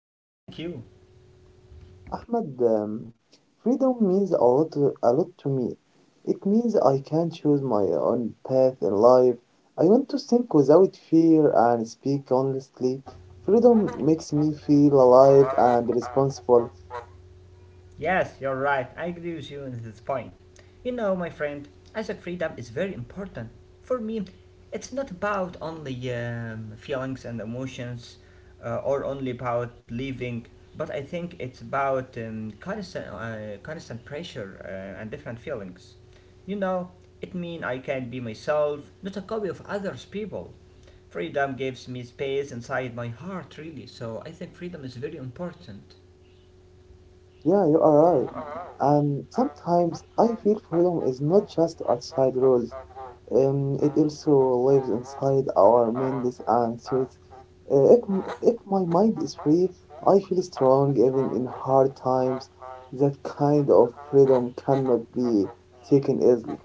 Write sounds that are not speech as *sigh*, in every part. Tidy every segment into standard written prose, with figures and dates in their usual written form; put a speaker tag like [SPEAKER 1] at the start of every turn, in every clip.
[SPEAKER 1] I'm fine, thank you.
[SPEAKER 2] Ahmad, freedom means a lot to me. It means I can choose my own path in life. I want to think without fear and speak honestly. Freedom makes me feel alive and responsible.
[SPEAKER 1] Yes, you're right, I agree with you on this point. You know, my friend, Isaac freedom is very important. For me, it's not about only feelings and emotions or only about living, but I think it's about constant pressure and different feelings. You know, it means I can be myself, not a copy of others' people. Freedom gives me space inside my heart, really, so I think freedom is very important.
[SPEAKER 2] Yeah, you are right. And sometimes I feel freedom is not just outside rules. It also lives inside our minds and thoughts. Uh, if, if my mind is free, I feel strong even in hard times. That kind of freedom cannot be taken easily.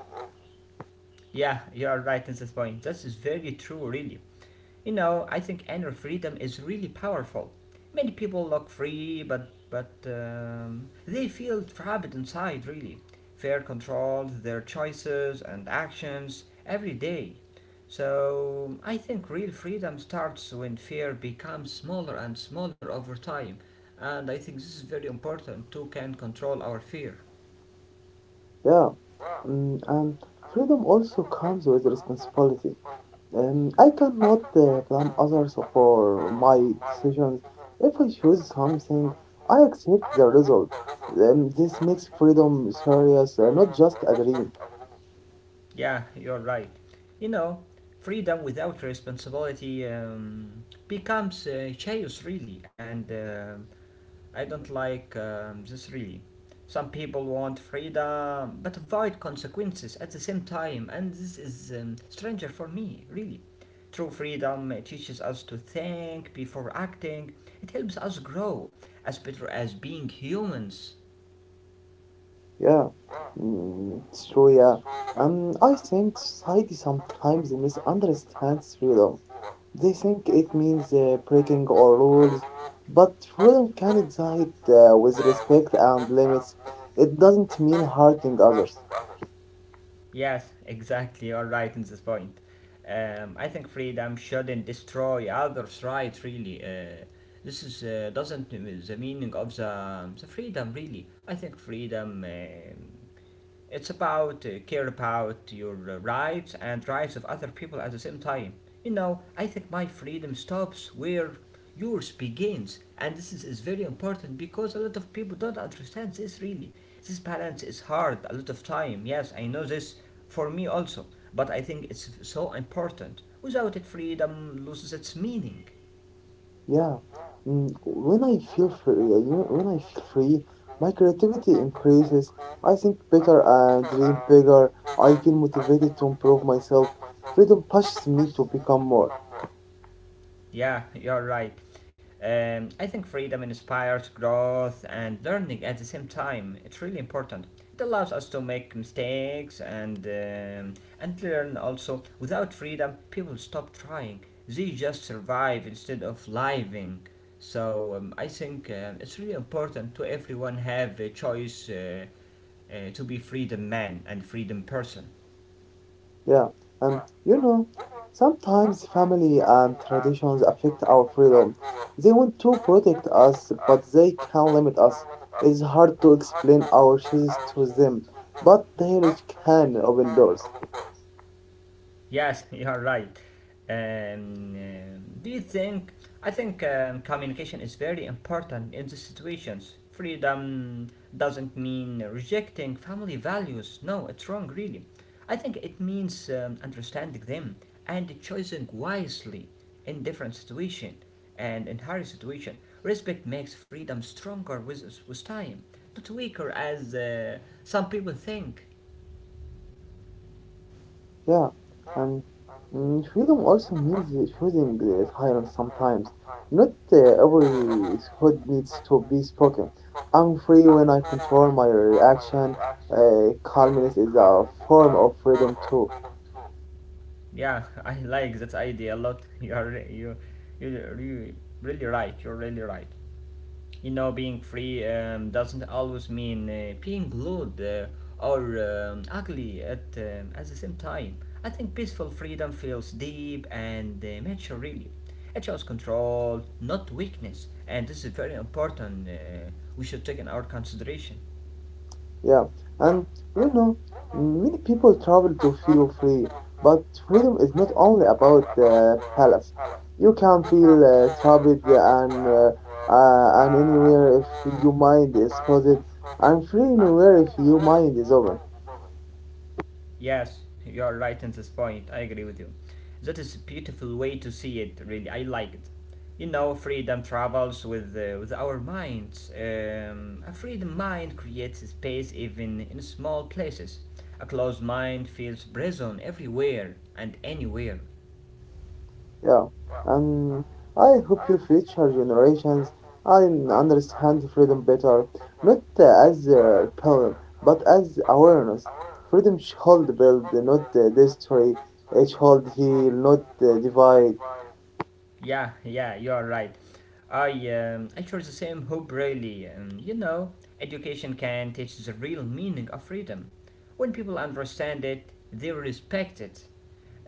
[SPEAKER 1] Yeah, you are right in this point. This is very true, really. You know, I think inner freedom is really powerful. Many people look free, but they feel trapped inside. Really, fear controls their choices and actions every day. So I think real freedom starts when fear becomes smaller and smaller over time, and I think this is very important. Too can control our fear.
[SPEAKER 2] Yeah. And freedom also comes with responsibility. I cannot blame others for my decisions. If I choose something, I accept the result. This makes freedom serious, not just a dream.
[SPEAKER 1] Yeah, you're right. You know, freedom without responsibility becomes chaos, really, and I don't like this, really. Some people want freedom but avoid consequences at the same time, and this is stranger for me, really. True freedom teaches us to think before acting, it helps us grow as better as being humans.
[SPEAKER 2] Yeah, mm, it's true. Yeah, I think society sometimes misunderstands freedom. They think it means breaking all rules, but freedom can exist with respect and limits. It doesn't mean hurting others.
[SPEAKER 1] Yes, exactly. You're right in this point. I think freedom shouldn't destroy others' rights. Really, this is doesn't the meaning of the freedom. Really, I think freedom. It's about care about your rights and rights of other people at the same time. You know, I think my freedom stops where yours begins, and this is very important because a lot of people don't understand this really. This balance is hard a lot of time. Yes, I know this for me also, but I think it's so important. Without it, freedom loses its meaning.
[SPEAKER 2] Yeah, when I feel free, my creativity increases. I think better and dream bigger. I feel motivated to improve myself. Freedom pushes me to become more.
[SPEAKER 1] Yeah, you're right. I think freedom inspires growth and learning at the same time. It's really important. It allows us to make mistakes and and learn also. Without freedom, people stop trying. They just survive instead of living. So I think it's really important to everyone have a choice to be freedom man and freedom person.
[SPEAKER 2] Yeah, and you know, sometimes family and traditions affect our freedom. They want to protect us, but they can limit us. It's hard to explain our choices to them, but the knowledge can open doors.
[SPEAKER 1] Yes, *laughs* you are right. Do you think? I think communication is very important in these situations. Freedom doesn't mean rejecting family values. No, it's wrong, really. I think it means understanding them and choosing wisely in different situation and in hard situation. Respect makes freedom stronger with time, not weaker as some people think.
[SPEAKER 2] Yeah, and mm, freedom also means the choosing the silence sometimes. Not every word needs to be spoken. I'm free when I control my reaction. Calmness is a form of freedom too.
[SPEAKER 1] Yeah, I like that idea a lot. *laughs* You are re- you you're re- really right. You're really right. You know, being free doesn't always mean being rude or ugly at the same time. I think peaceful freedom feels deep and mature, really. It shows control, not weakness, and this is very important. We should take in our consideration.
[SPEAKER 2] Yeah, and you know, many people travel to feel free, but freedom is not only about palace. You can feel trapped and anywhere if your mind is closed, and free anywhere if your mind is open.
[SPEAKER 1] Yes, you are right in this point. I agree with you. That is a beautiful way to see it, really. I like it. You know, freedom travels with our minds. A free mind creates space even in small places. A closed mind feels prison everywhere and anywhere.
[SPEAKER 2] Yeah, and I hope your future generations and understand freedom better, not as a rebellion, but as awareness. Freedom should build, not destroy. It should heal, not divide.
[SPEAKER 1] Yeah, yeah, you are right. I share the same hope, really. You know, education can teach the real meaning of freedom. When people understand it, they respect it.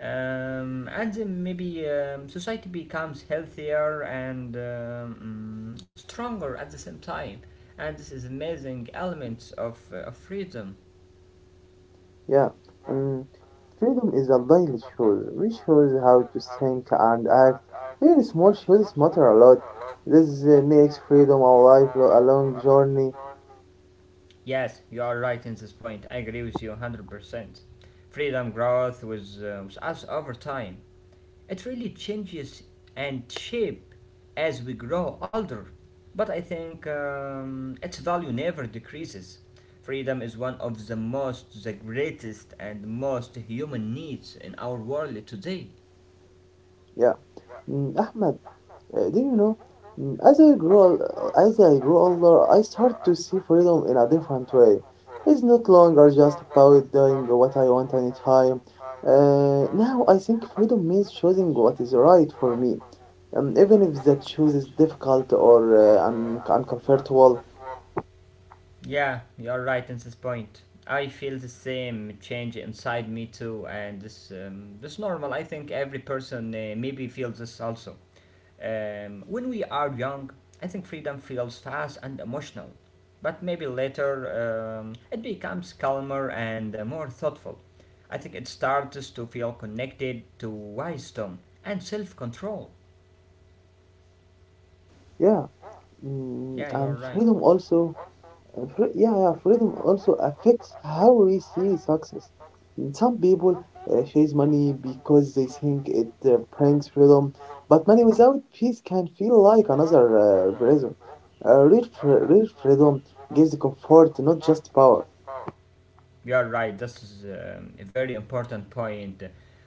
[SPEAKER 1] And then maybe society becomes healthier and stronger at the same time, and this is amazing elements of freedom.
[SPEAKER 2] Yeah, um, freedom is a daily choice. We choose how to think and act. Even small choices matter a lot. This makes freedom a life, a long journey.
[SPEAKER 1] Yes, you are right in this point, I agree with you 100%. Freedom growth with us over time. It really changes and shape as we grow older. But I think its value never decreases. Freedom is one of the most, the greatest, and most human needs in our world today.
[SPEAKER 2] Yeah, mm, Ahmed. Do you know? As I grow older, I start to see freedom in a different way. It's not longer just about doing what I want anytime. Now I think freedom means choosing what is right for me, even if that choice is difficult or uncomfortable.
[SPEAKER 1] Yeah, you're right in this point. I feel the same change inside me too, and this normal. I think every person maybe feels this also. When we are young, I think freedom feels fast and emotional, but maybe later it becomes calmer and more thoughtful. I think it starts to feel connected to wisdom and self control.
[SPEAKER 2] Yeah, mm,
[SPEAKER 1] Yeah, you
[SPEAKER 2] and
[SPEAKER 1] are right.
[SPEAKER 2] freedom also freedom also affects how we see success. Some people chase money because they think it brings freedom, but money without peace can feel like another prison. Real freedom gives comfort, not just power.
[SPEAKER 1] You're right. This is a very important point.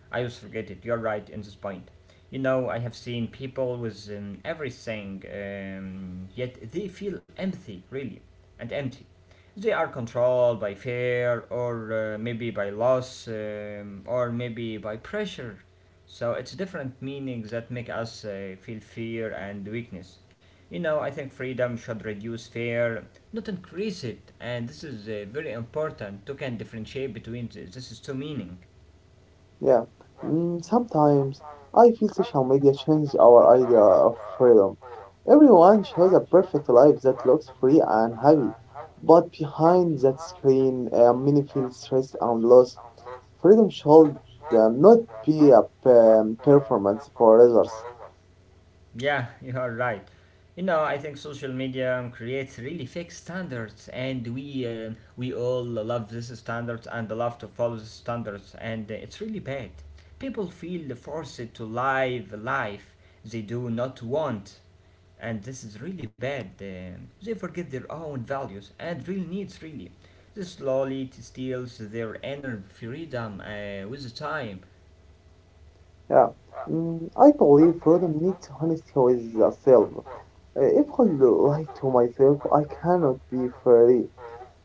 [SPEAKER 1] I always forget it. You're right in this point. You know, I have seen people with everything, yet they feel empty, really, and empty. They are controlled by fear, or maybe by loss, or maybe by pressure. So it's different meanings that make us feel fear and weakness. You know, I think freedom should reduce fear, not increase it. And this is very important. You can differentiate between this is two meaning.
[SPEAKER 2] Yeah, mm, sometimes I feel social media changed our idea of freedom. Everyone shows a perfect life that looks free and happy, but behind that screen, many feel stressed and lost. Freedom should not be a performance for others.
[SPEAKER 1] Yeah, *laughs* you are right. You know, I think social media creates really fake standards, and we all love these standards and love to follow these standards, and it's really bad. People feel forced to live a life they do not want, and this is really bad. They forget their own values and real needs, really. This slowly steals their inner freedom with the time.
[SPEAKER 2] Yeah. Mm, I believe freedom needs honesty with the self. If I lie to myself, I cannot be free.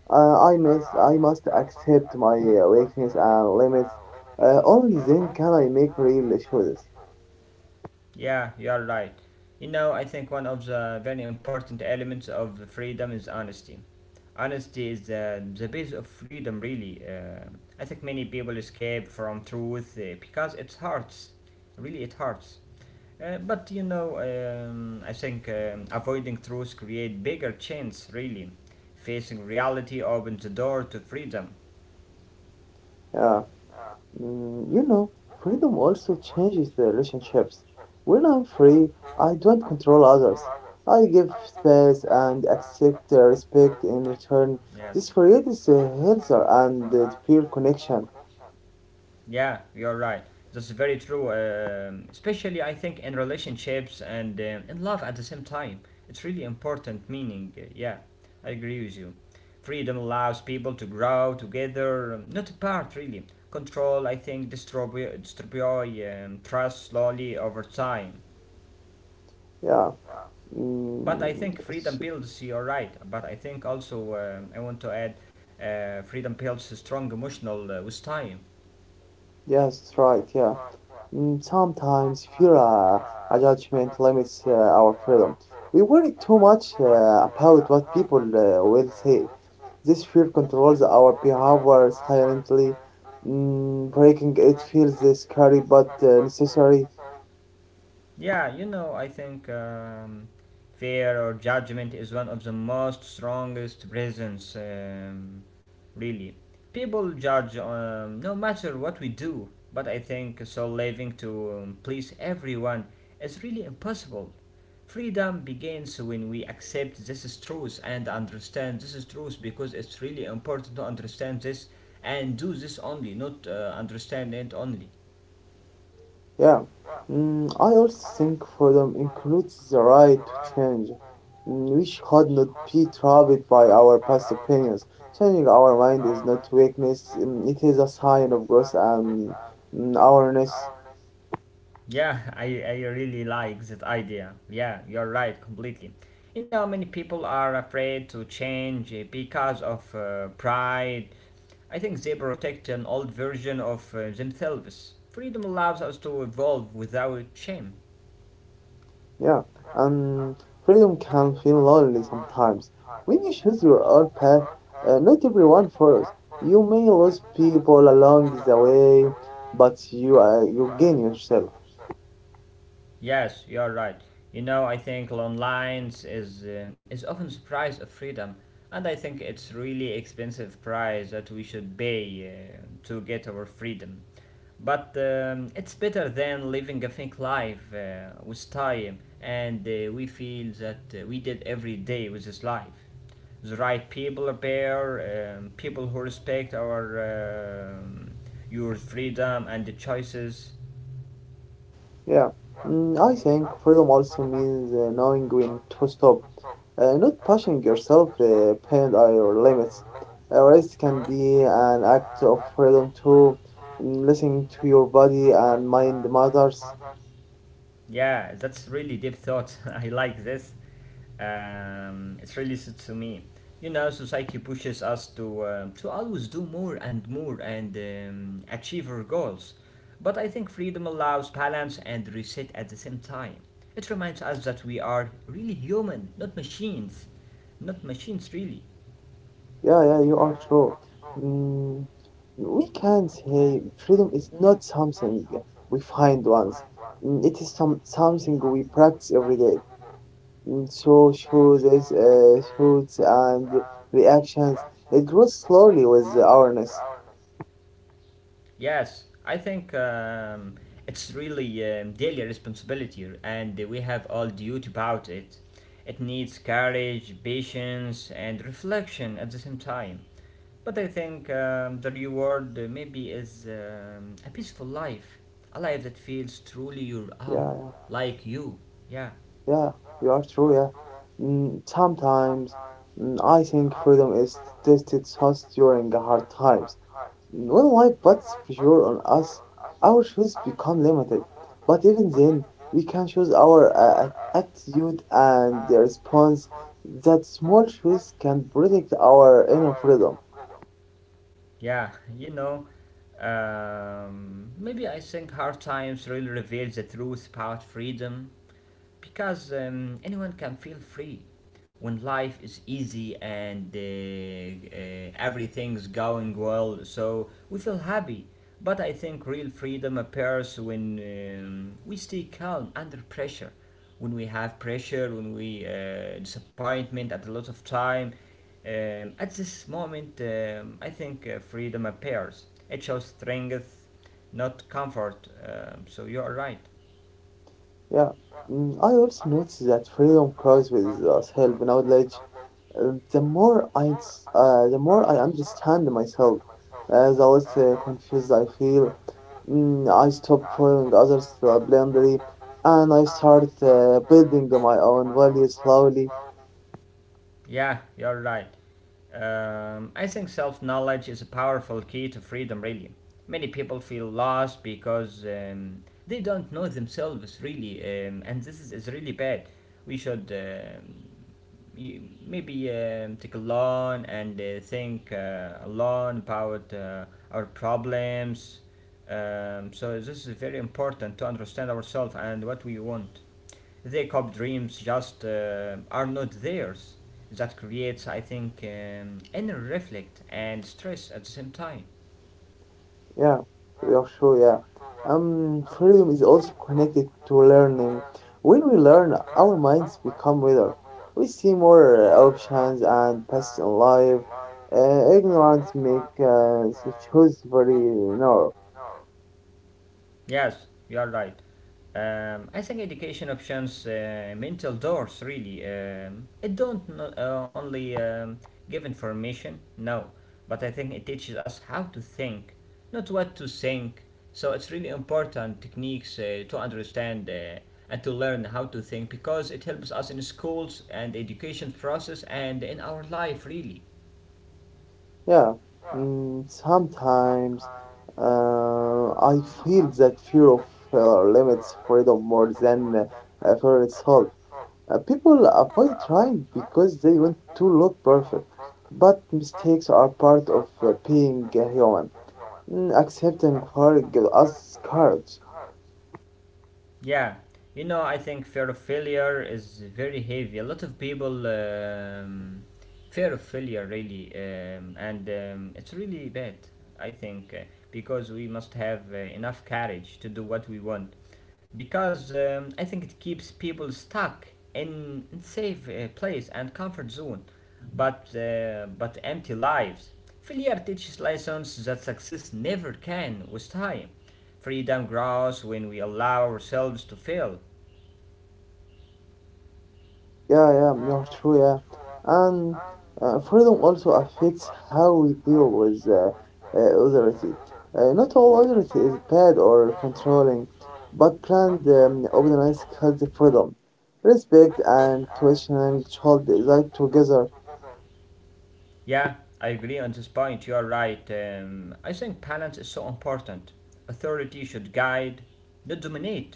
[SPEAKER 2] I must accept my weakness and limits. Only then can I make real choices.
[SPEAKER 1] Yeah, you're right. You know, I think one of the very important elements of freedom is honesty. Honesty is the base of freedom, really. I think many people escape from truth because it hurts. Really, it hurts. But you know, I think Avoiding truth create bigger chains. Really, facing reality opens the door to freedom.
[SPEAKER 2] Yeah. Mm, you know, freedom also changes the relationships. When I'm free, I don't control others. I give space and accept respect in return. This creates a healthier and pure connection.
[SPEAKER 1] Yeah, you're right. That's very true, especially I think in relationships and in love at the same time. It's really important meaning. Yeah, I agree with you. Freedom allows people to grow together, not apart really. Control, I think, distribute trust slowly over time.
[SPEAKER 2] Yeah,
[SPEAKER 1] But
[SPEAKER 2] mm,
[SPEAKER 1] I think
[SPEAKER 2] it's,
[SPEAKER 1] freedom builds, you're right. But I think also I want to add freedom builds a strong emotional with time.
[SPEAKER 2] yes, it's right. Yeah, mm, sometimes fear a judgment limits our freedom. We worry too much about what people will say. This fear controls our behavior silently. Mm, breaking it feels scary but necessary.
[SPEAKER 1] Yeah, you know, I think fear or judgment is one of the most strongest prisons, really. People judge no matter what we do, but I think so living to please everyone is really impossible. Freedom begins when we accept this is truth and understand this is truth because it's really important to understand this and do this only, not understand it only.
[SPEAKER 2] Yeah. Mm, I also think freedom includes the right to change. Mm, we should not be trapped by our past opinions. Changing our mind is not weakness, mm, it is a sign of growth and mm, awareness.
[SPEAKER 1] Yeah, I really like that idea. Yeah, you're right, completely. You know, many people are afraid to change because of pride. I think they protect an old version of themselves. Freedom allows us to evolve without shame.
[SPEAKER 2] Yeah, and freedom can feel lonely sometimes. When you choose your own path, not everyone follows. You may lose people along the way, but you gain yourself.
[SPEAKER 1] Yes, you're right. You know, I think online is often the price of freedom, and I think it's really expensive price that we should pay to get our freedom. But it's better than living a fake life with time, and we feel that we did every day with this life. The right people appear, people who respect our your freedom and the choices.
[SPEAKER 2] Yeah, mm, I think freedom also means knowing when to stop, not pushing yourself beyond your limits. Rest can be an act of freedom too. Mm, listening to your body and mind matters.
[SPEAKER 1] Yeah, that's really deep thought. *laughs* I like this. It's really suits to me. You know, society pushes us to always do more and more and achieve our goals. But I think freedom allows balance and reset at the same time. It reminds us that we are really human, not machines, not machines really.
[SPEAKER 2] Yeah, yeah, you are true. Mm, we can say freedom is not something we find once. It is something we practice every day mm, through choices, thoughts, and reactions. It grows slowly with awareness.
[SPEAKER 1] Yes, I think it's really daily responsibility, and we have all duty about it. It needs courage, patience, and reflection at the same time. But I think the reward maybe is a peaceful life, a life that feels truly your
[SPEAKER 2] Yeah,
[SPEAKER 1] own,
[SPEAKER 2] yeah,
[SPEAKER 1] like you. Yeah,
[SPEAKER 2] yeah. You are true. Yeah. Mm, sometimes I think freedom is tested just during hard times. When life puts pressure on us, our choices become limited. But even then, we can choose our attitude and the response. That small choice can protect our inner freedom.
[SPEAKER 1] yeah, you know. Maybe I think hard times really reveals the truth about freedom because anyone can feel free when life is easy and everything's going well so we feel happy, but I think real freedom appears when we stay calm under pressure, when we have pressure, when we disappointment at a lot of time. At this moment I think freedom appears, it shows strength not comfort. So you are right.
[SPEAKER 2] Yeah. Mm, I also notice that freedom grows with self knowledge. Uh, the more I, the more I understand myself, the less confused I feel. Mm, I stopped following others blindly and I started building my own value slowly.
[SPEAKER 1] Yeah, you're right. I think self knowledge is a powerful key to freedom, really. Many people feel lost because they don't know themselves, really, and this is really bad. We should y- maybe take a loan and think alone about our problems. So, this is very important to understand ourselves and what we want. They cop dreams just are not theirs. That creates, I think, inner reflect and stress at the same time.
[SPEAKER 2] Yeah, you're sure, yeah. Freedom is also connected to learning. When we learn, our minds become wider. We see more options and paths in life. Ignorance makes the choice very narrow.
[SPEAKER 1] Yes, you are right. I think education options, mental doors really. It don't only give information, no, but I think it teaches us how to think, not what to think. So it's really important techniques to understand and to learn how to think because it helps us in schools and education process and in our life really.
[SPEAKER 2] Yeah, mm, sometimes I feel that fear of limits freedom more than fear itself. People avoid trying because they want to look perfect, but mistakes are part of being a human. Mm, accepting fire gives us courage.
[SPEAKER 1] Yeah, I think fear of failure is very heavy. A lot of people fear of failure really, and it's really bad. I think because we must have enough courage to do what we want because I think it keeps people stuck in safe place and comfort zone, but empty lives. Failure teaches lessons that success never can with time. Freedom grows when we allow ourselves to fail.
[SPEAKER 2] Yeah, yeah, you're true, yeah. And freedom also affects how we deal with authority. Not all authority is bad or controlling, but planned obedience has the freedom. Respect and questioning should reside together.
[SPEAKER 1] Yeah, I agree on this point. You are right. I think balance is so important. Authority should guide, not dominate.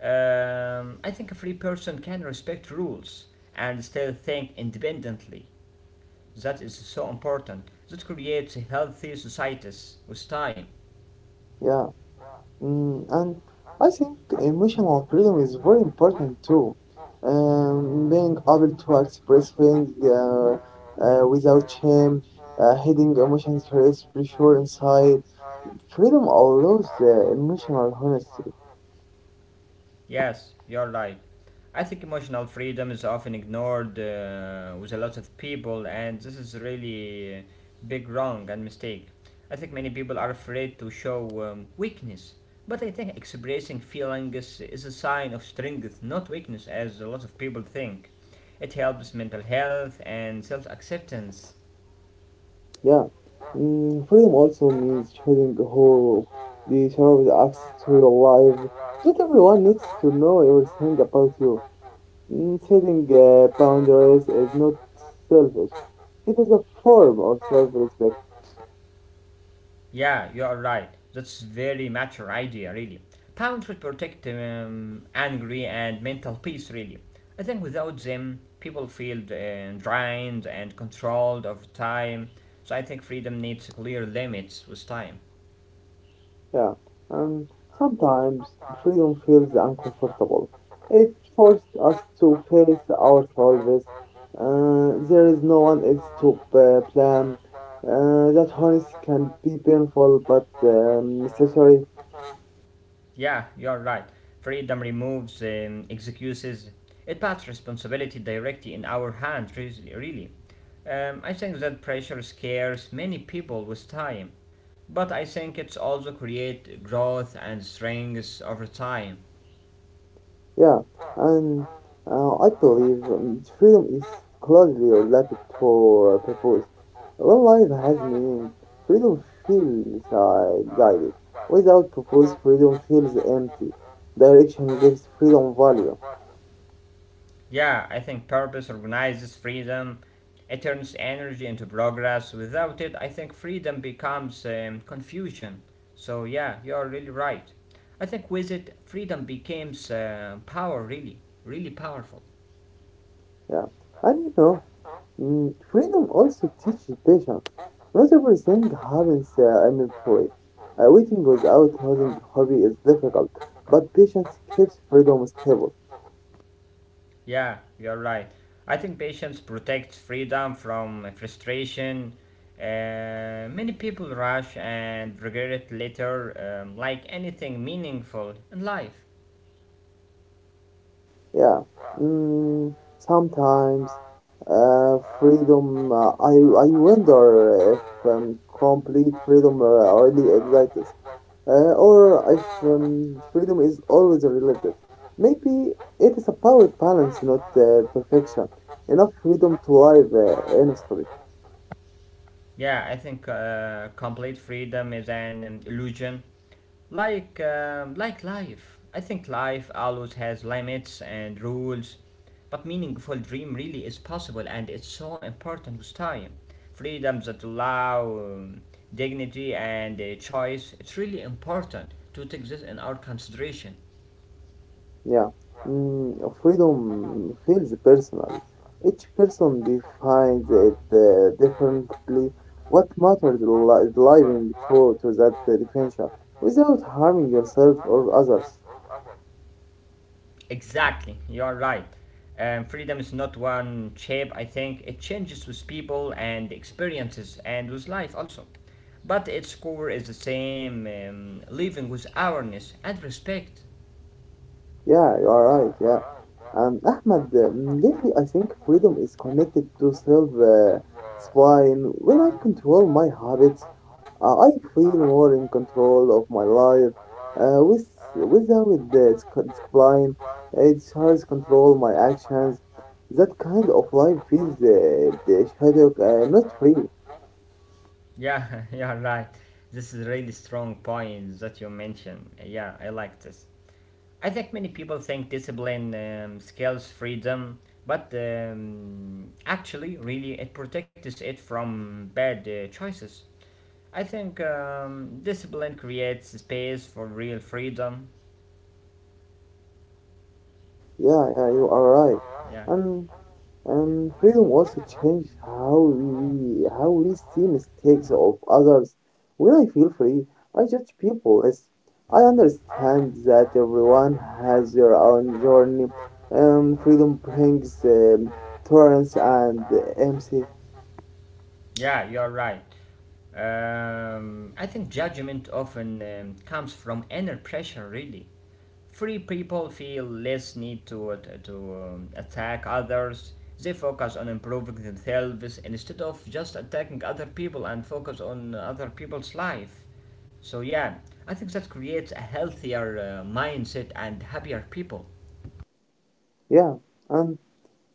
[SPEAKER 1] I think a free person can respect rules and still think independently. That is so important. That creates healthy societies with time.
[SPEAKER 2] Yeah. Mm, and I think emotional freedom is very important too. Being able to express feeling without shame, hiding emotions creates pressure inside. Freedom allows emotional honesty.
[SPEAKER 1] Yes, you're right. I think emotional freedom is often ignored with a lot of people, and this is really a big wrong and mistake. I think many people are afraid to show weakness, but I think expressing feelings is a sign of strength, not weakness, as a lot of people think. It helps mental health and self acceptance.
[SPEAKER 2] Yeah. Mm, freedom also means choosing who deserves access to your life. Not everyone needs to know everything about you. Mm, setting boundaries is not selfish. It is a form of self-respect.
[SPEAKER 1] Yeah, you are right. That's very mature idea, really. Pounds should protect angry and mental peace, really. I think without them, people feel drained and controlled over time. So I think freedom needs clear limits with time.
[SPEAKER 2] Yeah. Um, sometimes freedom feels uncomfortable. It forces us to face ourselves. There is no one else to blame. That honesty can be painful but necessary.
[SPEAKER 1] Yeah, you are right. Freedom removes excuses. It puts responsibility directly in our hands, re- really. I think that pressure scares many people with time. But I think it's also create growth and strengths over time.
[SPEAKER 2] Yeah, and I believe freedom is closely related to purpose. When life has meaning, freedom feels guided. Without purpose, freedom feels empty. Direction gives freedom value.
[SPEAKER 1] Yeah, I think purpose organizes freedom. It turns energy into progress. Without it, I think freedom becomes confusion. So yeah, you're really right. I think with it, freedom becomes power. Really, really powerful.
[SPEAKER 2] Yeah, and you know, mm, freedom also teaches patience. Not everything happens immediately. Waiting without losing hobby is difficult, but patience keeps freedom stable.
[SPEAKER 1] Yeah, you're right. I think patience protects freedom from frustration. Many people rush and regret later, like anything meaningful in life.
[SPEAKER 2] Yeah. Mm, sometimes freedom. I wonder if complete freedom already exists, or if freedom is always a relative. Maybe it is about balance, not perfection. Enough freedom to live honestly.
[SPEAKER 1] Yeah, I think complete freedom is an illusion. Like life. I think life always has limits and rules, but meaningful dream really is possible and it's so important with time. Freedoms that allow dignity and choice, it's really important to take this in our consideration.
[SPEAKER 2] Yeah, mm, freedom feels personal. Each person defines it differently. What matters is living true to that definition without harming yourself or others.
[SPEAKER 1] Exactly, you're right. Freedom is not one shape, I think. It changes with people and experiences and with life also. But its core is the same living with awareness and respect.
[SPEAKER 2] Yeah, you are right. Yeah. And Ahmed, lately I think freedom is connected to self spine. When I control my habits, uh, I feel more in control of my life. Uh, with without discipline, it's hard to control my actions. That kind of life feels the shadow, not free.
[SPEAKER 1] Yeah, *laughs* you're right. This is really strong point that you mentioned. Yeah, I like this. I think many people think discipline scales freedom, but actually, really, it protects it from bad choices. I think discipline creates space for real freedom.
[SPEAKER 2] Yeah, yeah, you are right. And um, freedom also changed how we see mistakes of others. When I feel free, I judge people as I understand that everyone has their own journey. Freedom brings tolerance and empathy.
[SPEAKER 1] Yeah, you're right. I think judgment often comes from inner pressure, really. Free people feel less need to attack others. They focus on improving themselves instead of just attacking other people and focus on other people's life. So, yeah, I think that creates a healthier mindset and happier people.
[SPEAKER 2] Yeah, and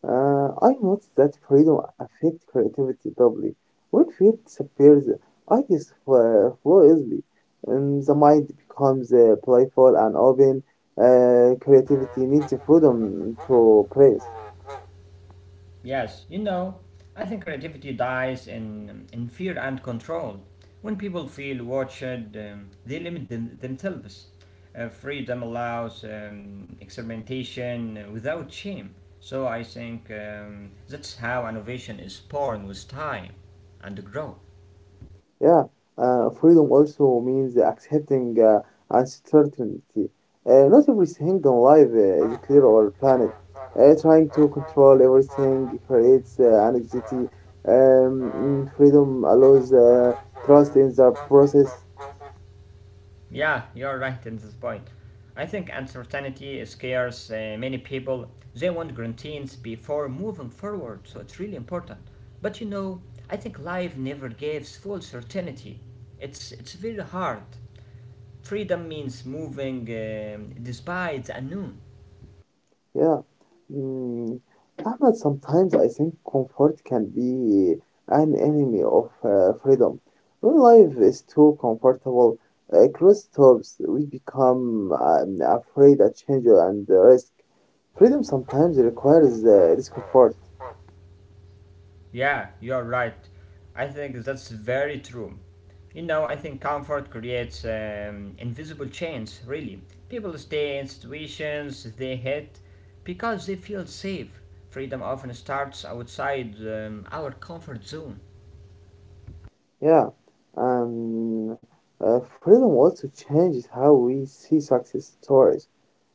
[SPEAKER 2] I noticed that freedom affects creativity doubly. When fear disappears, ideas flow easily, and the mind becomes playful and open. Creativity needs freedom to praise.
[SPEAKER 1] Yes, I think creativity dies in fear and control. When people feel watched, they limit themselves. Freedom allows experimentation without shame. So I think that's how innovation is born with time and growth.
[SPEAKER 2] Yeah, freedom also means accepting uncertainty. Not everything in life is clear or planned. Trying to control everything creates anxiety. Freedom allows trust in the process.
[SPEAKER 1] Yeah, you're right in this point. I think uncertainty scares many people. They want guarantees before moving forward, so it's really important. But I think life never gives full certainty. It's very hard. Freedom means moving despite the unknown.
[SPEAKER 2] Yeah. Mm. Ahmed, sometimes I think comfort can be an enemy of freedom. When life is too comfortable, cross stops, we become afraid of change and the risk. Freedom sometimes requires discomfort.
[SPEAKER 1] Yeah, you're right. I think that's very true. I think comfort creates invisible chains, really. People stay in situations they hate because they feel safe. Freedom often starts outside our comfort zone.
[SPEAKER 2] Yeah. Um, Freedom also changes how we see success stories.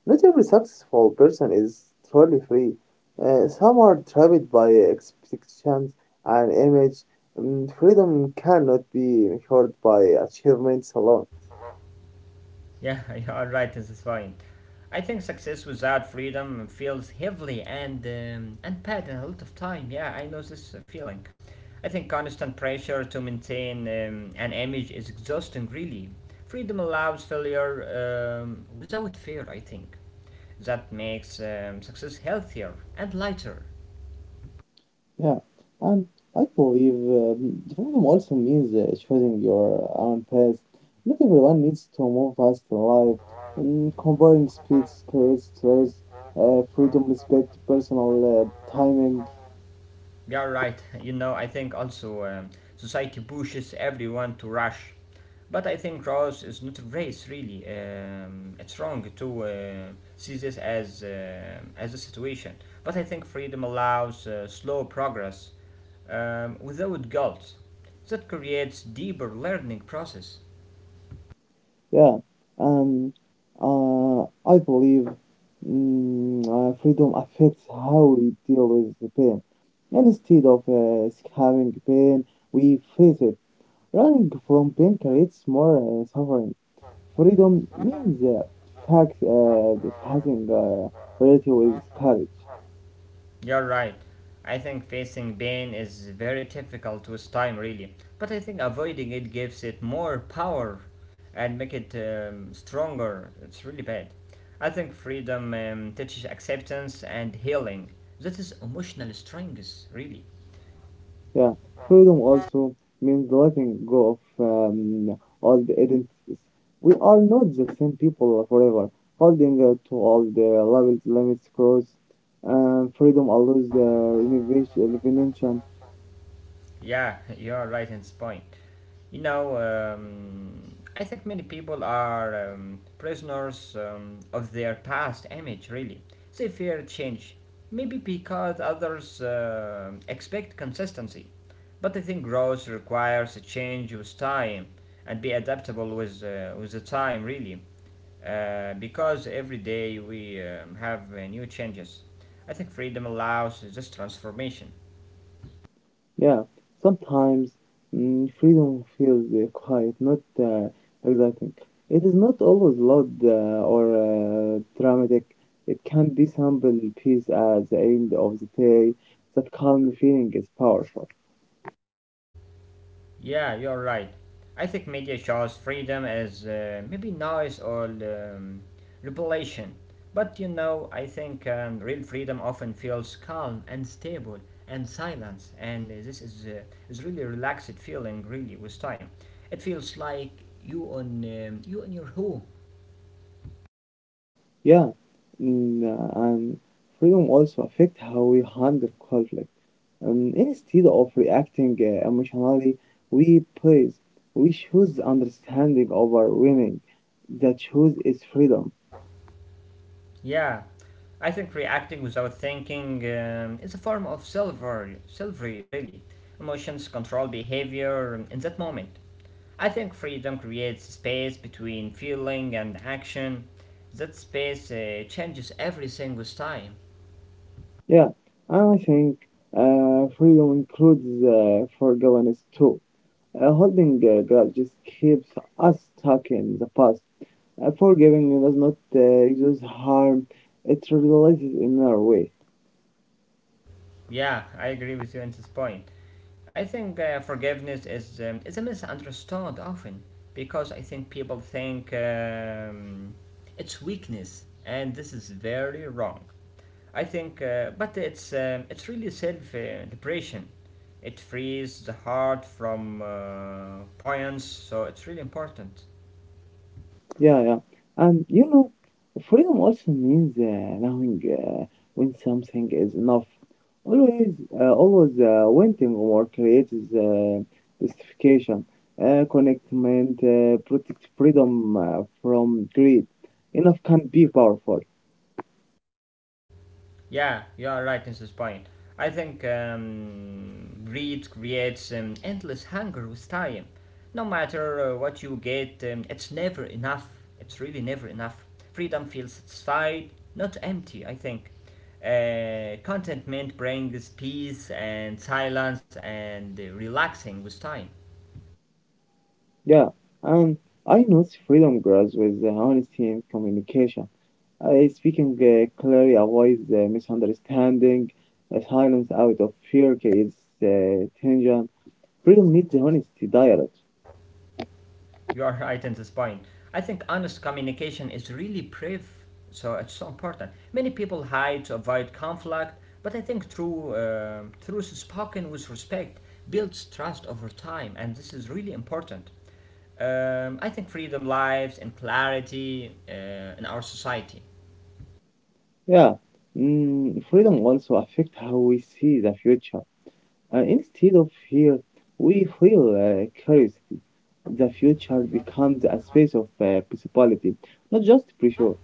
[SPEAKER 2] Not every successful person is truly free. Some are trapped by expectations and image. Mm, freedom cannot be measured by achievements alone.
[SPEAKER 1] Yeah, *laughs* you are right at this point. I think success without freedom feels heavily and bad a lot of time. Yeah, I know this feeling. I think constant pressure to maintain an image is exhausting, really. Freedom allows failure without fear, I think. That makes success healthier and lighter.
[SPEAKER 2] Yeah, and I believe freedom also means choosing your own path. Not everyone needs to move fast in life. And comparing speeds creates stress. Freedom, respect, personal timing.
[SPEAKER 1] Yeah, right. I think also society pushes everyone to rush. But I think Ross is not a race, really. It's wrong to see this as a situation. But I think freedom allows slow progress without guilt. That creates deeper learning process.
[SPEAKER 2] Yeah, and I believe freedom affects how we deal with the pain. And instead of having pain, we face it. Running from pain creates more suffering. Freedom means fact, uh, having reality with courage.
[SPEAKER 1] You're right. I think facing pain is very difficult with time, really. But I think avoiding it gives it more power and make it stronger. It's really bad. I think freedom teaches acceptance and healing. That is emotional strength, really.
[SPEAKER 2] Yeah, freedom also means letting go of old identities. We are not the same people forever. Holding to all the levels, limits, cross, freedom allows the renovation, revelation.
[SPEAKER 1] Yeah, *laughs* you're right in this point. I think many people are prisoners of their past image, really. They fear change, maybe because others expect consistency. But I think growth requires a change with time and be adaptable with the time, really. Because every day we have new changes. I think freedom allows this transformation.
[SPEAKER 2] Yeah, sometimes freedom feels quiet, not exciting. It is not always loud or dramatic. It can be simple peace at the end of the day. That calm feeling is powerful.
[SPEAKER 1] Yeah, you're right. I think media shows freedom as maybe noise or revelation. But I think real freedom often feels calm and stable and silence, and this is really relaxed feeling. Really, with time, it feels like you on your home,
[SPEAKER 2] Yeah, mm, um, freedom also affect how we handle conflict. Instead of reacting emotionally, we praise. We choose understanding over winning. The choice is freedom.
[SPEAKER 1] Yeah, I think reacting without thinking is a form of silver, silvery, really. Emotions control behavior in that moment. I think freedom creates space between feeling and action. That space changes everything with time.
[SPEAKER 2] Yeah, and I think freedom includes forgiveness too. Holding grudges keeps us stuck in the past. Forgiving does not just harm; it releases in our way.
[SPEAKER 1] Yeah, I agree with you on this point. I think forgiveness is a misunderstood often because I think people think it's weakness, and this is very wrong. I think, but it's really self liberation. It frees the heart from points, so it's really important.
[SPEAKER 2] Yeah, yeah. And you know, freedom also means knowing when something is enough. Always, always wanting more creates justification, connectment, protect freedom from greed. Enough can be powerful.
[SPEAKER 1] Yeah, you are right in this point. I think greed creates endless hunger with time. No matter what you get, it's never enough. It's really never enough. Freedom feels satisfied, not empty, I think. Contentment brings peace and silence and relaxing with time.
[SPEAKER 2] Yeah, and I notice freedom grows with honesty and communication. I speaking clearly avoids misunderstanding. Silence out of fear creates tension. Freedom needs a honesty dialogue.
[SPEAKER 1] You are right in this point. I think honest communication is really brave, so it's so important. Many people hide to avoid conflict, but I think through truth spoken with respect builds trust over time, and this is really important. I think freedom lives in clarity in our society.
[SPEAKER 2] Yeah, freedom also affects how we see the future. Instead of fear, we feel curiosity. The future becomes a space of possibility, not just pressure.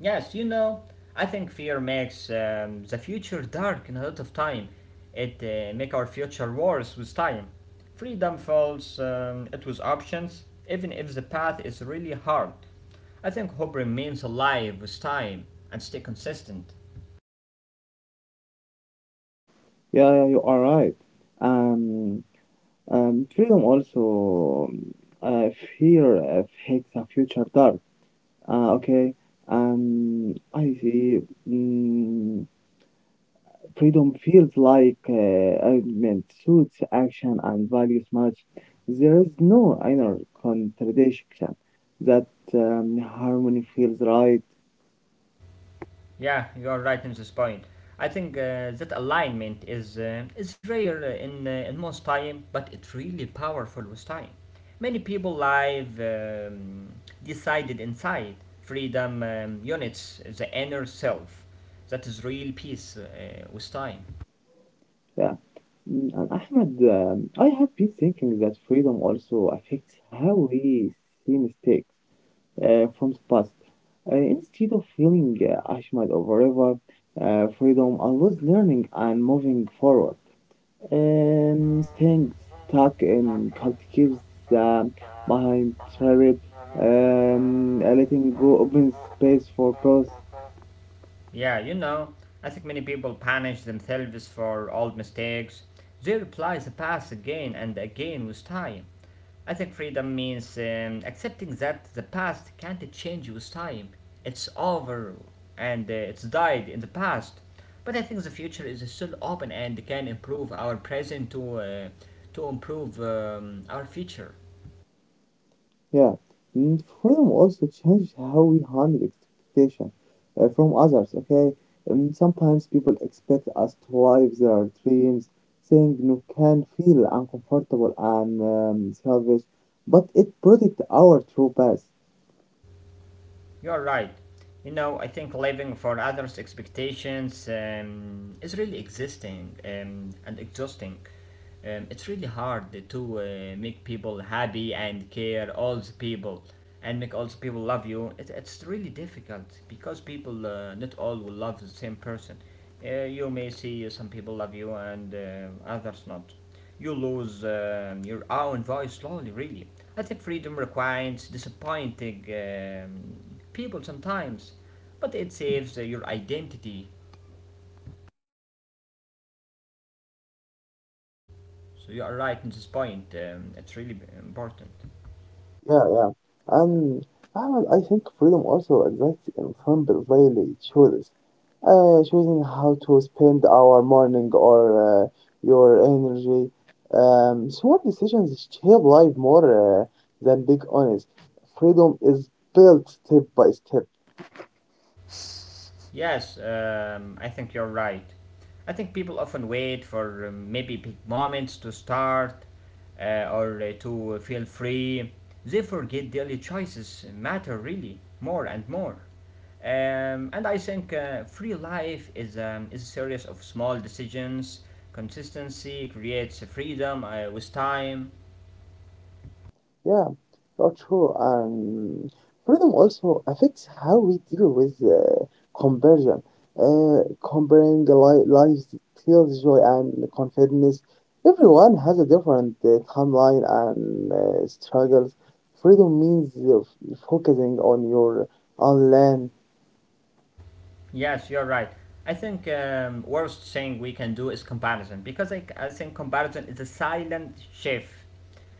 [SPEAKER 1] Yes, I think fear makes the future dark in a lot of time. It make our future worse with time. Freedom falls it with options, even if the path is really hard. I think hope remains alive with time and stay consistent.
[SPEAKER 2] Yeah, yeah, you are right. Um, Freedom also uh, fear affects the future dark. Okay. I see. Mm, Freedom feels like alignment, suits action and values match. There is no inner contradiction. That harmony feels right.
[SPEAKER 1] Yeah, you are right in this point. I think that alignment is rare in in most time, but it's really powerful with time. Many people live decided inside freedom units the inner self. That is real peace with time.
[SPEAKER 2] Yeah. And Ahmed, I have been thinking that freedom also affects how we see mistakes from the past. Instead of feeling ashamed over ever, freedom allows learning and moving forward. Things stuck in collectives, um, behind private, letting go open space for growth.
[SPEAKER 1] Yeah, I think many people punish themselves for old mistakes. They reply the past again and again with time. I think freedom means accepting that the past can't change with time. It's over and it's died in the past. But I think the future is still open and can improve our present to improve our future.
[SPEAKER 2] Yeah. Freedom also changed how we handle expectation from others, okay? Sometimes people expect us to live their dreams, saying no can feel uncomfortable and selfish, but it protects our true path.
[SPEAKER 1] You're right. I think living for others' expectations is really existing and exhausting. It's really hard to make people happy and care all the people and make all the people love you. It's really difficult because people, not all will love the same person. You may see some people love you and others not. You lose your own voice slowly, really. I think freedom requires disappointing people sometimes, but it saves your identity. So you are right in this point. It's really important.
[SPEAKER 2] Yeah, yeah. And Ahmed, I think freedom also exists in simple daily choices. Choosing how to spend our morning or uh, your energy. Small decisions shape life more than big ones. Freedom is built step by step.
[SPEAKER 1] Yes, I think you're right. I think people often wait for maybe big moments to start or to feel free. They forget daily choices matter really more and more. And I think free life is a series of small decisions. Consistency creates freedom with time.
[SPEAKER 2] Yeah, not true. Freedom also affects how we deal with conversion. Uh, Comparing the lives steals joy and confidence. Everyone has a different timeline and struggles. Freedom means focusing on your own land.
[SPEAKER 1] Yes, you're right. I think worst thing we can do is comparison because I think comparison is a silent chef.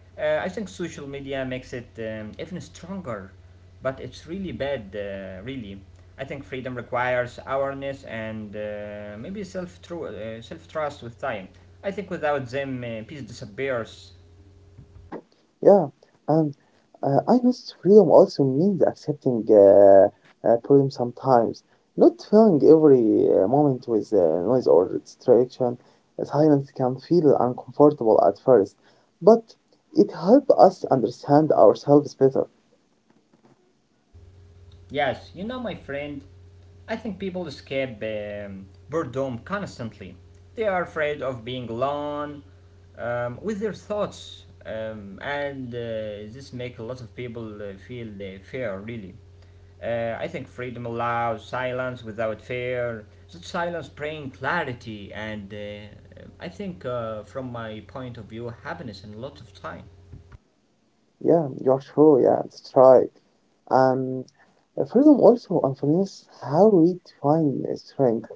[SPEAKER 1] I think social media makes it even stronger, but it's really bad, really. I think freedom requires awareness and maybe self trust with time. I think without them, peace disappears.
[SPEAKER 2] Yeah, and I guess freedom also means accepting problem sometimes, not filling every moment with noise or distraction. Silence can feel uncomfortable at first, but it helps us understand ourselves better.
[SPEAKER 1] Yes, my friend, I think people escape boredom constantly. They are afraid of being alone with their thoughts, and this makes a lot of people feel fear, really. I think freedom allows silence without fear. That silence brings clarity, and I think, from my point of view, happiness in a lot of time.
[SPEAKER 2] Yeah, you're sure. Yeah, that's right. Um, freedom also influences how we define strength.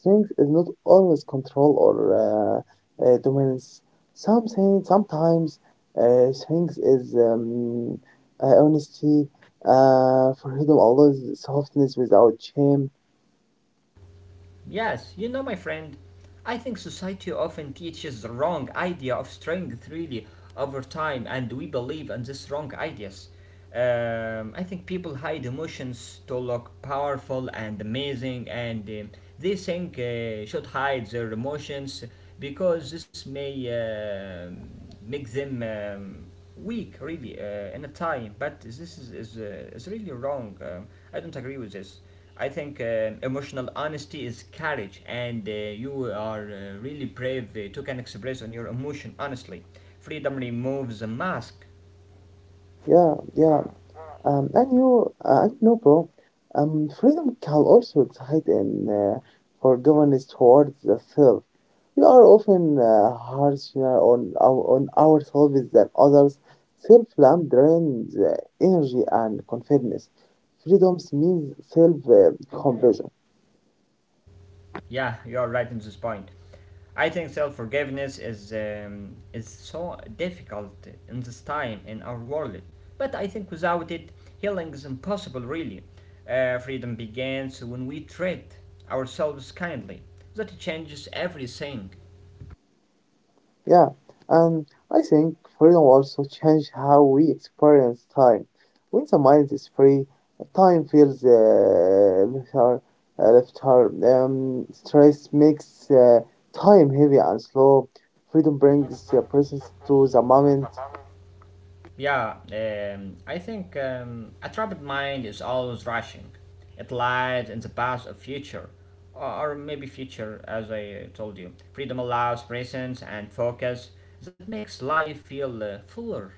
[SPEAKER 2] Strength is not always control or dominance. Something sometimes strength is honesty, freedom, always softness without shame.
[SPEAKER 1] Yes, you know, my friend, I think society often teaches the wrong idea of strength really over time, and we believe in these wrong ideas. I think people hide emotions to look powerful and amazing, and they think should hide their emotions because this may um make them weak, really, in a time. But this is really wrong. I don't agree with this. I think emotional honesty is courage, and you are really brave to can express on your emotion honestly. Freedom removes a mask.
[SPEAKER 2] Yeah, yeah. And you and no, bro. Freedom can also excite in forgiveness towards the self. We are often harsher on ourselves than others. Self love drains energy and confidence. Freedoms means self compassion.
[SPEAKER 1] Yeah, you are right in this point. I think self forgiveness is so difficult in this time in our world, but I think without it, healing is impossible. Really, freedom begins when we treat ourselves kindly. That changes everything.
[SPEAKER 2] Yeah, and I think freedom also changed how we experience time. When the mind is free, time feels lighter, stress makes time heavy and slow. Freedom brings the presence to the moment.
[SPEAKER 1] Yeah, I think a trapped mind is always rushing. It lies in the past of future, or maybe future, as I told you. Freedom allows presence and focus that makes life feel fuller.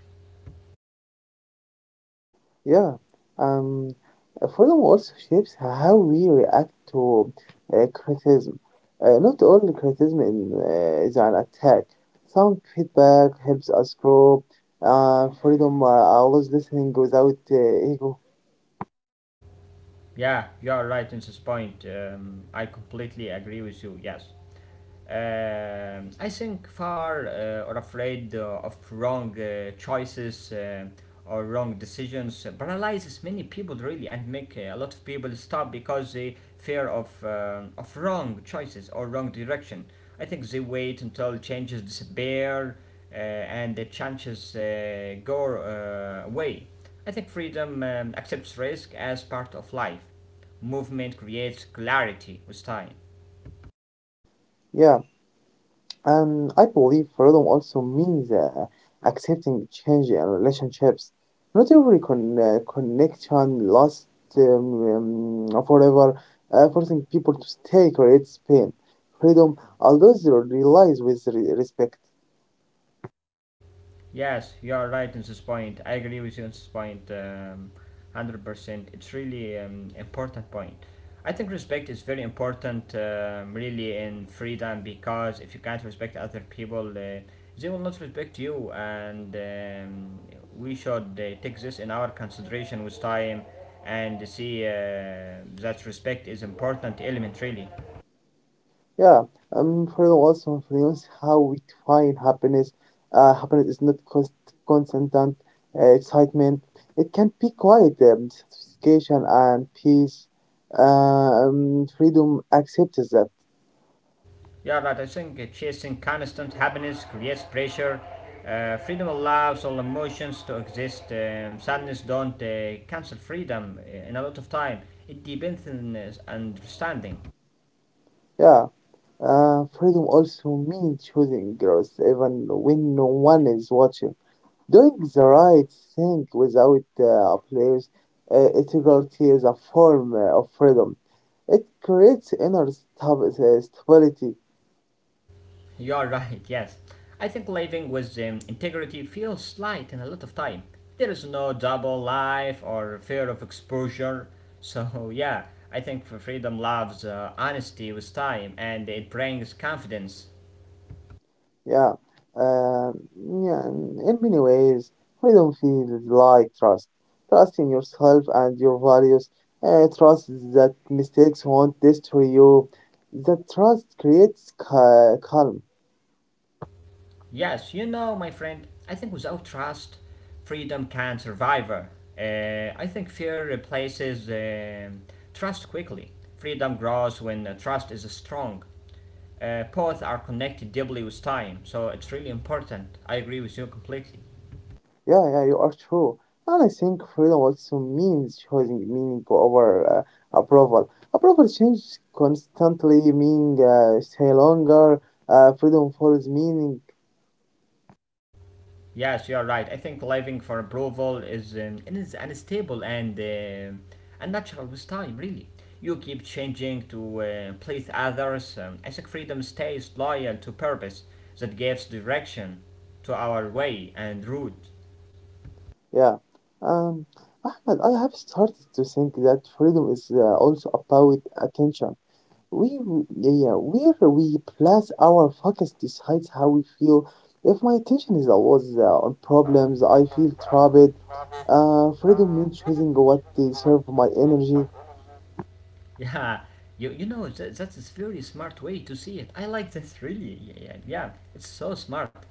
[SPEAKER 2] Yeah, um, freedom also shapes how we react to criticism. Not all criticism is an attack. Some feedback helps us grow. Freedom allows listening without ego.
[SPEAKER 1] Yeah, you are right in this point. I completely agree with you. Yes. I think far or afraid of wrong choices or wrong decisions paralyzes many people really and make a lot of people stop because they fear of wrong choices or wrong direction. I think they wait until changes disappear and the chances go away. I think freedom accepts risk as part of life. Movement creates clarity with time.
[SPEAKER 2] Yeah. I believe freedom also means accepting change in relationships. Not every connection lasts forever. Forcing people to stay creates pain. Freedom allows you to realize with respect.
[SPEAKER 1] Yes, you are right on this point. I agree with you on this point, 100 percent. It's really important point. I think respect is very important, really, in freedom because if you can't respect other people, they will not respect you, and we should take this in our consideration with time and see that respect is important element really.
[SPEAKER 2] Yeah, for also for us, how we define happiness. Happiness is not constant excitement. It can be quiet, satisfaction and peace. Freedom accepts that.
[SPEAKER 1] Yeah, right. I think chasing constant happiness creates pressure. Freedom allows all emotions to exist. Sadness don't cancel freedom in a lot of time. It depends on understanding.
[SPEAKER 2] Yeah. Freedom also means choosing growth, even when no one is watching. Doing the right thing without applause. Integrity is a form of freedom. It creates inner stability.
[SPEAKER 1] You are *laughs* right. Yes, I think living with integrity feels light in a lot of time. There is no double life or fear of exposure. So *laughs* yeah, I think freedom loves honesty with time, and it brings confidence.
[SPEAKER 2] Yeah. Um, yeah. In many ways, freedom feels like trust. Trust in yourself and your values. Trust that mistakes won't destroy you. That trust creates calm.
[SPEAKER 1] Yes, you know, my friend, I think without trust, freedom can survive. I think fear replaces trust quickly. Freedom grows when trust is strong. Both are connected deeply with time, so it's really important. I agree with you completely.
[SPEAKER 2] Yeah, yeah, you are true. And I think freedom also means choosing meaning over approval. Approval changes constantly, meaning stay longer. Freedom follows meaning.
[SPEAKER 1] Yes, you are right. I think living for approval is it is unstable and unnatural with time. Really, you keep changing to please others. I think freedom stays loyal to purpose that gives direction to our way and route.
[SPEAKER 2] Yeah. Um, Ahmed, I have started to think that freedom is also about attention. We, yeah, yeah, where we place our focus decides how we feel. If my attention is always on problems, I feel trapped. Freedom means choosing what to serve my energy.
[SPEAKER 1] Yeah, you know that's a very smart way to see it. I like this really. Yeah, yeah, yeah, it's so smart.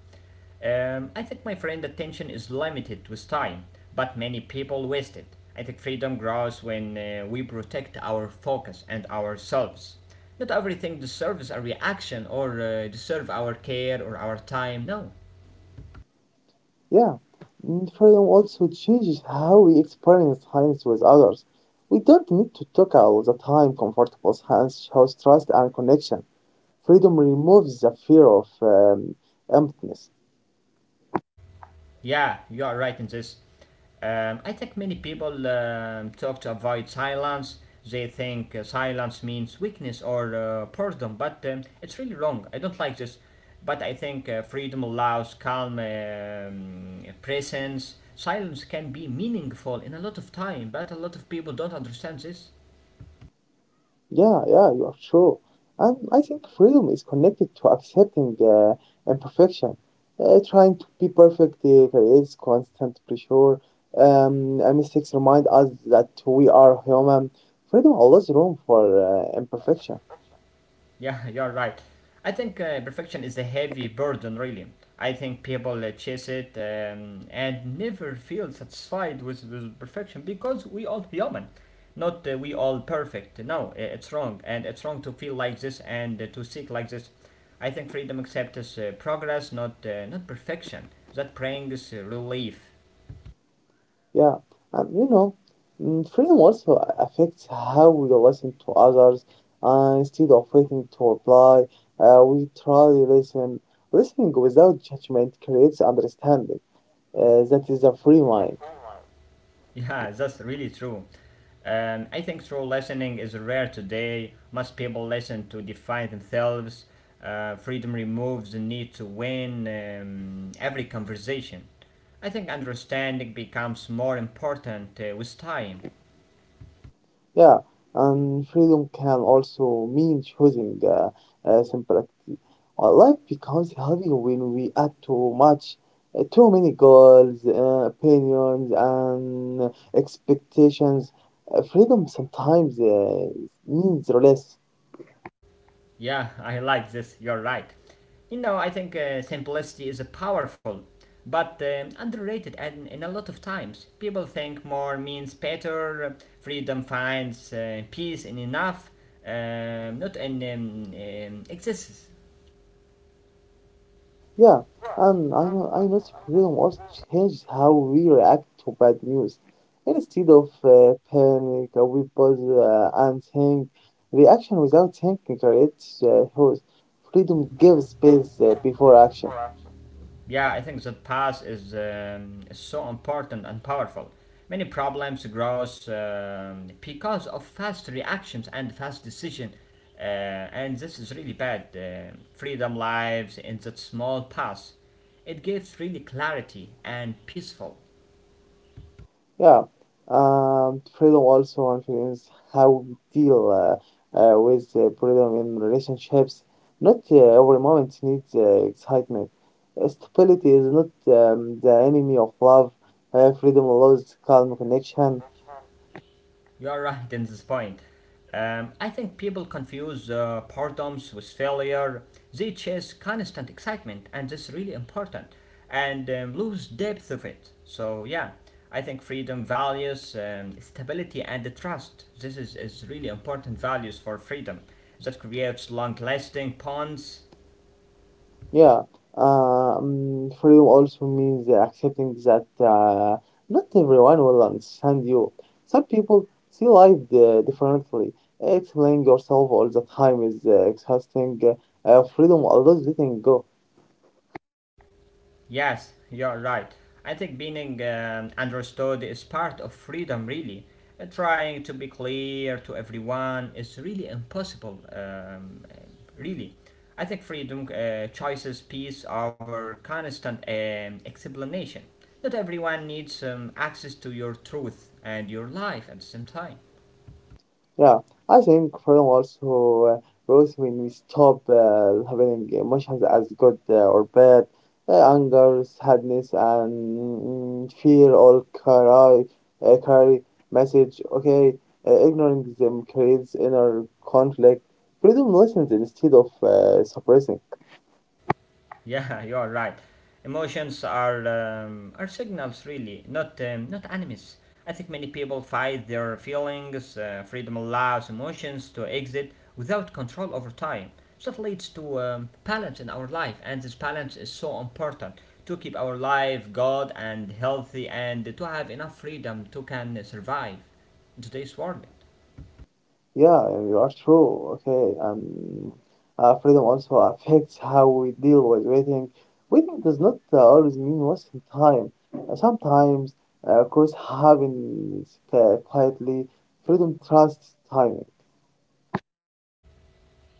[SPEAKER 1] I think my friend attention is limited with time, but many people waste it. I think freedom grows when we protect our focus and ourselves. Not everything deserves a reaction or deserve our care or our time. No.
[SPEAKER 2] Yeah. Freedom also changes how we experience silence with others. We don't need to talk all the time. Comfortable silence shows trust and connection. Freedom removes the fear of emptiness.
[SPEAKER 1] Yeah, you are right in this. I think many people talk to avoid silence. They think silence means weakness or boredom, but it's really wrong. I don't like this. But I think freedom allows calm presence. Silence can be meaningful in a lot of time, but a lot of people don't understand this.
[SPEAKER 2] Yeah, yeah, you are true. And I think freedom is connected to accepting imperfection. Trying to be perfect creates constant pressure. And mistakes remind us that we are human. Freedom allows room for imperfection.
[SPEAKER 1] Yeah, *laughs* you're right. I think perfection is a heavy burden, really. I think people chase it and never feel satisfied with perfection because we all human, not we all perfect. No, it's wrong, and it's wrong to feel like this and to seek like this. I think freedom accepts progress, not perfection. That brings relief.
[SPEAKER 2] Yeah, and you know, freedom also affects how we listen to others. Instead of waiting to reply, we try to listen. Listening without judgment creates understanding. That is a free mind.
[SPEAKER 1] Yeah, that's really true. I think true listening is rare today. Most people listen to define themselves. Freedom removes the need to win every conversation. I think understanding becomes more important with time.
[SPEAKER 2] Yeah, and freedom can also mean choosing simplicity. Our life becomes heavy when we add too much, too many goals, opinions, and expectations. Freedom sometimes means less.
[SPEAKER 1] Yeah, I like this, you're right. You know, I think simplicity is a powerful, but underrated, and in a lot of times, people think more means better, freedom finds peace in enough, not in excesses.
[SPEAKER 2] Yeah, and I know freedom also changed how we react to bad news. Instead of panic, we pause and think. Reaction without thinking creates hope. Freedom gives space before action.
[SPEAKER 1] Yeah, I think that path is so important and powerful. Many problems grows because of fast reactions and fast decision, and this is really bad. Freedom lives in that small path. It gives really clarity and peaceful.
[SPEAKER 2] Yeah, freedom also influences how we deal with freedom in relationships. Not every moment needs excitement. Stability is not the enemy of love. Freedom allows calm connection.
[SPEAKER 1] You're right in this point. I think people confuse boredoms with failure. They chase constant excitement, and that's really important, and lose depth of it. So yeah, I think freedom values stability and the trust. This is really important values for freedom that creates long-lasting bonds.
[SPEAKER 2] Yeah, freedom also means accepting that not everyone will understand you. Some people see life differently. Explaining yourself all the time is exhausting. Freedom allows letting go.
[SPEAKER 1] Yes, you're right. I think being understood is part of freedom, really. Trying to be clear to everyone is really impossible, really. I think freedom chooses peace over constant explanation. Not everyone needs access to your truth and your life at the same time.
[SPEAKER 2] Yeah, I think freedom also grows when we stop having emotions as good or bad. Anger, sadness, and fear all carry message. Okay, ignoring them creates inner conflict. Freedom listens instead of suppressing.
[SPEAKER 1] Yeah, *laughs* you are right. Emotions are signals, really, not enemies. I think many people fight their feelings. Freedom allows emotions to exit without control over time. So that leads to balance in our life, and this balance is so important to keep our life good and healthy, and to have enough freedom to can survive in today's world.
[SPEAKER 2] Yeah, you are true. Okay, and freedom also affects how we deal with waiting. Waiting does not always mean wasting time. Sometimes, of course, happens quietly. Freedom trusts timing.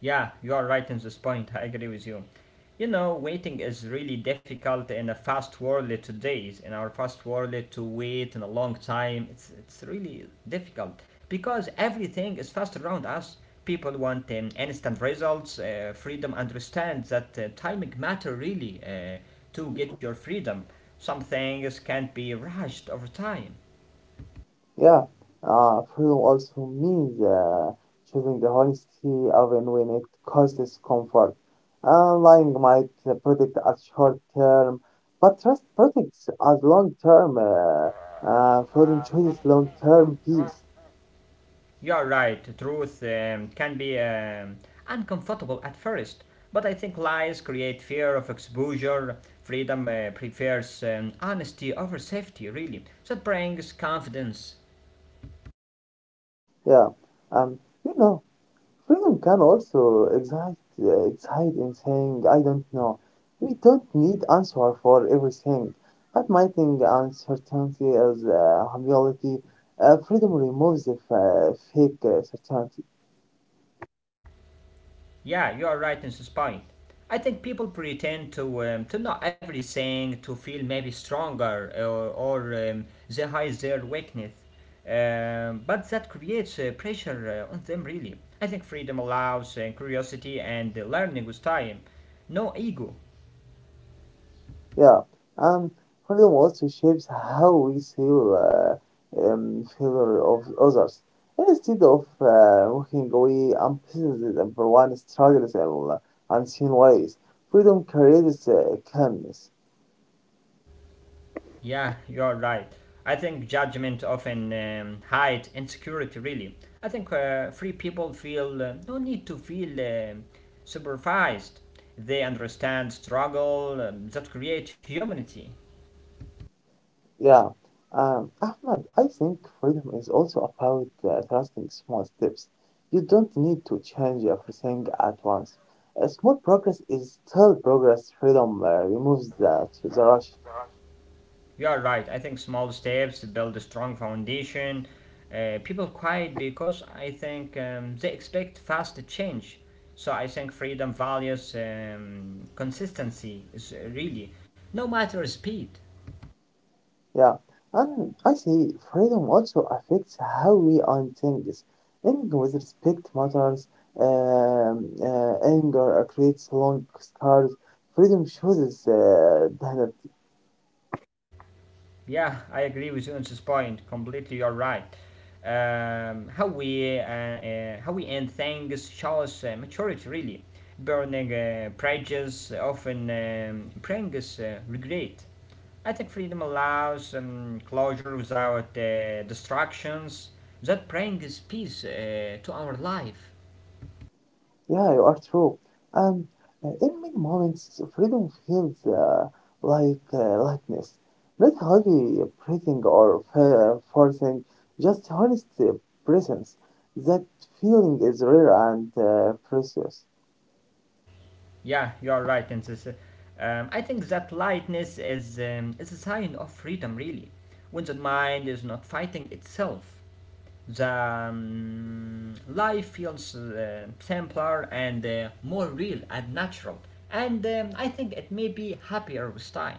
[SPEAKER 1] Yeah, you are right in this point. I agree with you. You know, waiting is really difficult in a fast world today. In our fast world, to wait in a long time, it's really difficult because everything is fast around us. People want instant results. Freedom understands that timing matter really to get your freedom. Some things can't be rushed over time.
[SPEAKER 2] Yeah, freedom also means choosing the honesty even when it causes comfort. Lying might protect us short term, but trust protects us long term. Freedom chooses long term peace.
[SPEAKER 1] You're right, truth can be uncomfortable at first, but I think lies create fear of exposure. Freedom prefers honesty over safety, really. That brings confidence.
[SPEAKER 2] Yeah, um, you know, freedom can also excite in saying, I don't know. We don't need answer for everything. Admitting uncertainty as humility, freedom removes the fake certainty.
[SPEAKER 1] Yeah, you are right in this point. I think people pretend to know everything to feel maybe stronger or they hide their weakness. But that creates pressure on them really. I think freedom allows curiosity and learning with time. No ego.
[SPEAKER 2] Yeah, and freedom also shapes how we see failure of others. Instead of walking away unprecedented and for one struggles in unseen ways, freedom creates calmness.
[SPEAKER 1] Yeah, you're right. I think judgment often hides insecurity, really. I think free people feel no need to feel supervised. They understand struggle that create humanity.
[SPEAKER 2] Yeah. Ahmed, I think freedom is also about trusting small steps. You don't need to change everything at once. A small progress is still progress. Freedom removes the rush.
[SPEAKER 1] You are right. I think small steps build a strong foundation. People quiet because I think they expect fast change. So I think freedom values consistency is really, no matter speed.
[SPEAKER 2] Yeah. And I say freedom also affects how we own things. Ending with respect matters. Anger creates long scars. Freedom chooses
[SPEAKER 1] Yeah, I agree with you on this point. Completely, you're right. How we end things shows maturity really. Burning bridges often brings regret. I think freedom allows closure without distractions. That brings peace to our life.
[SPEAKER 2] Yeah, you are true. And in many moments, freedom feels like lightness, not heavy breathing or forcing, just honest presence. That feeling is rare and precious.
[SPEAKER 1] Yeah, you are right, and I think that lightness is a sign of freedom, really, when the mind is not fighting itself. The life feels simpler and more real and natural, and I think it may be happier with time.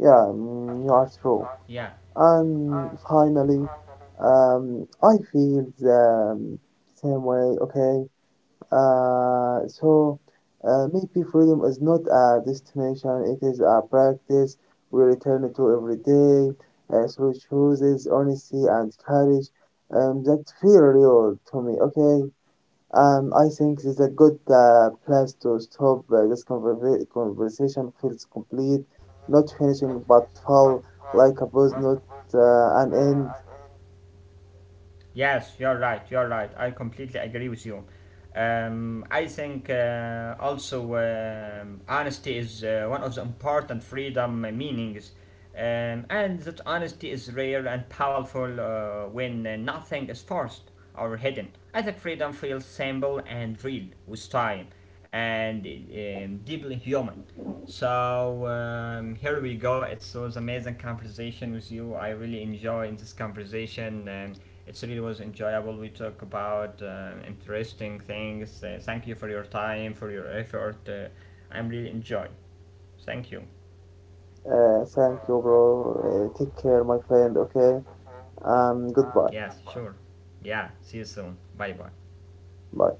[SPEAKER 2] Yeah, you are true.
[SPEAKER 1] Yeah.
[SPEAKER 2] And finally, I feel the same way. Okay, so maybe freedom is not a destination, it is a practice we return to every day through chooses honesty, and courage that feel real to me. Okay, I think it's a good place to stop. This conversation feels complete, not finishing but full, like a buzz, not an end.
[SPEAKER 1] Yes, you're right. You're right. I completely agree with you. I think also honesty is one of the important freedom meanings, and that honesty is rare and powerful when nothing is forced or hidden. I think freedom feels simple and real with time, and deeply human. So here we go. It was amazing conversation with you. I really enjoyed this conversation, and it really was enjoyable. We talk about interesting things. Thank you for your time, for your effort. I'm really enjoy. Thank you.
[SPEAKER 2] Thank you, bro. Take care, my friend. Okay, goodbye.
[SPEAKER 1] Yeah, sure. Yeah. See you soon. Bye bye.
[SPEAKER 2] Bye.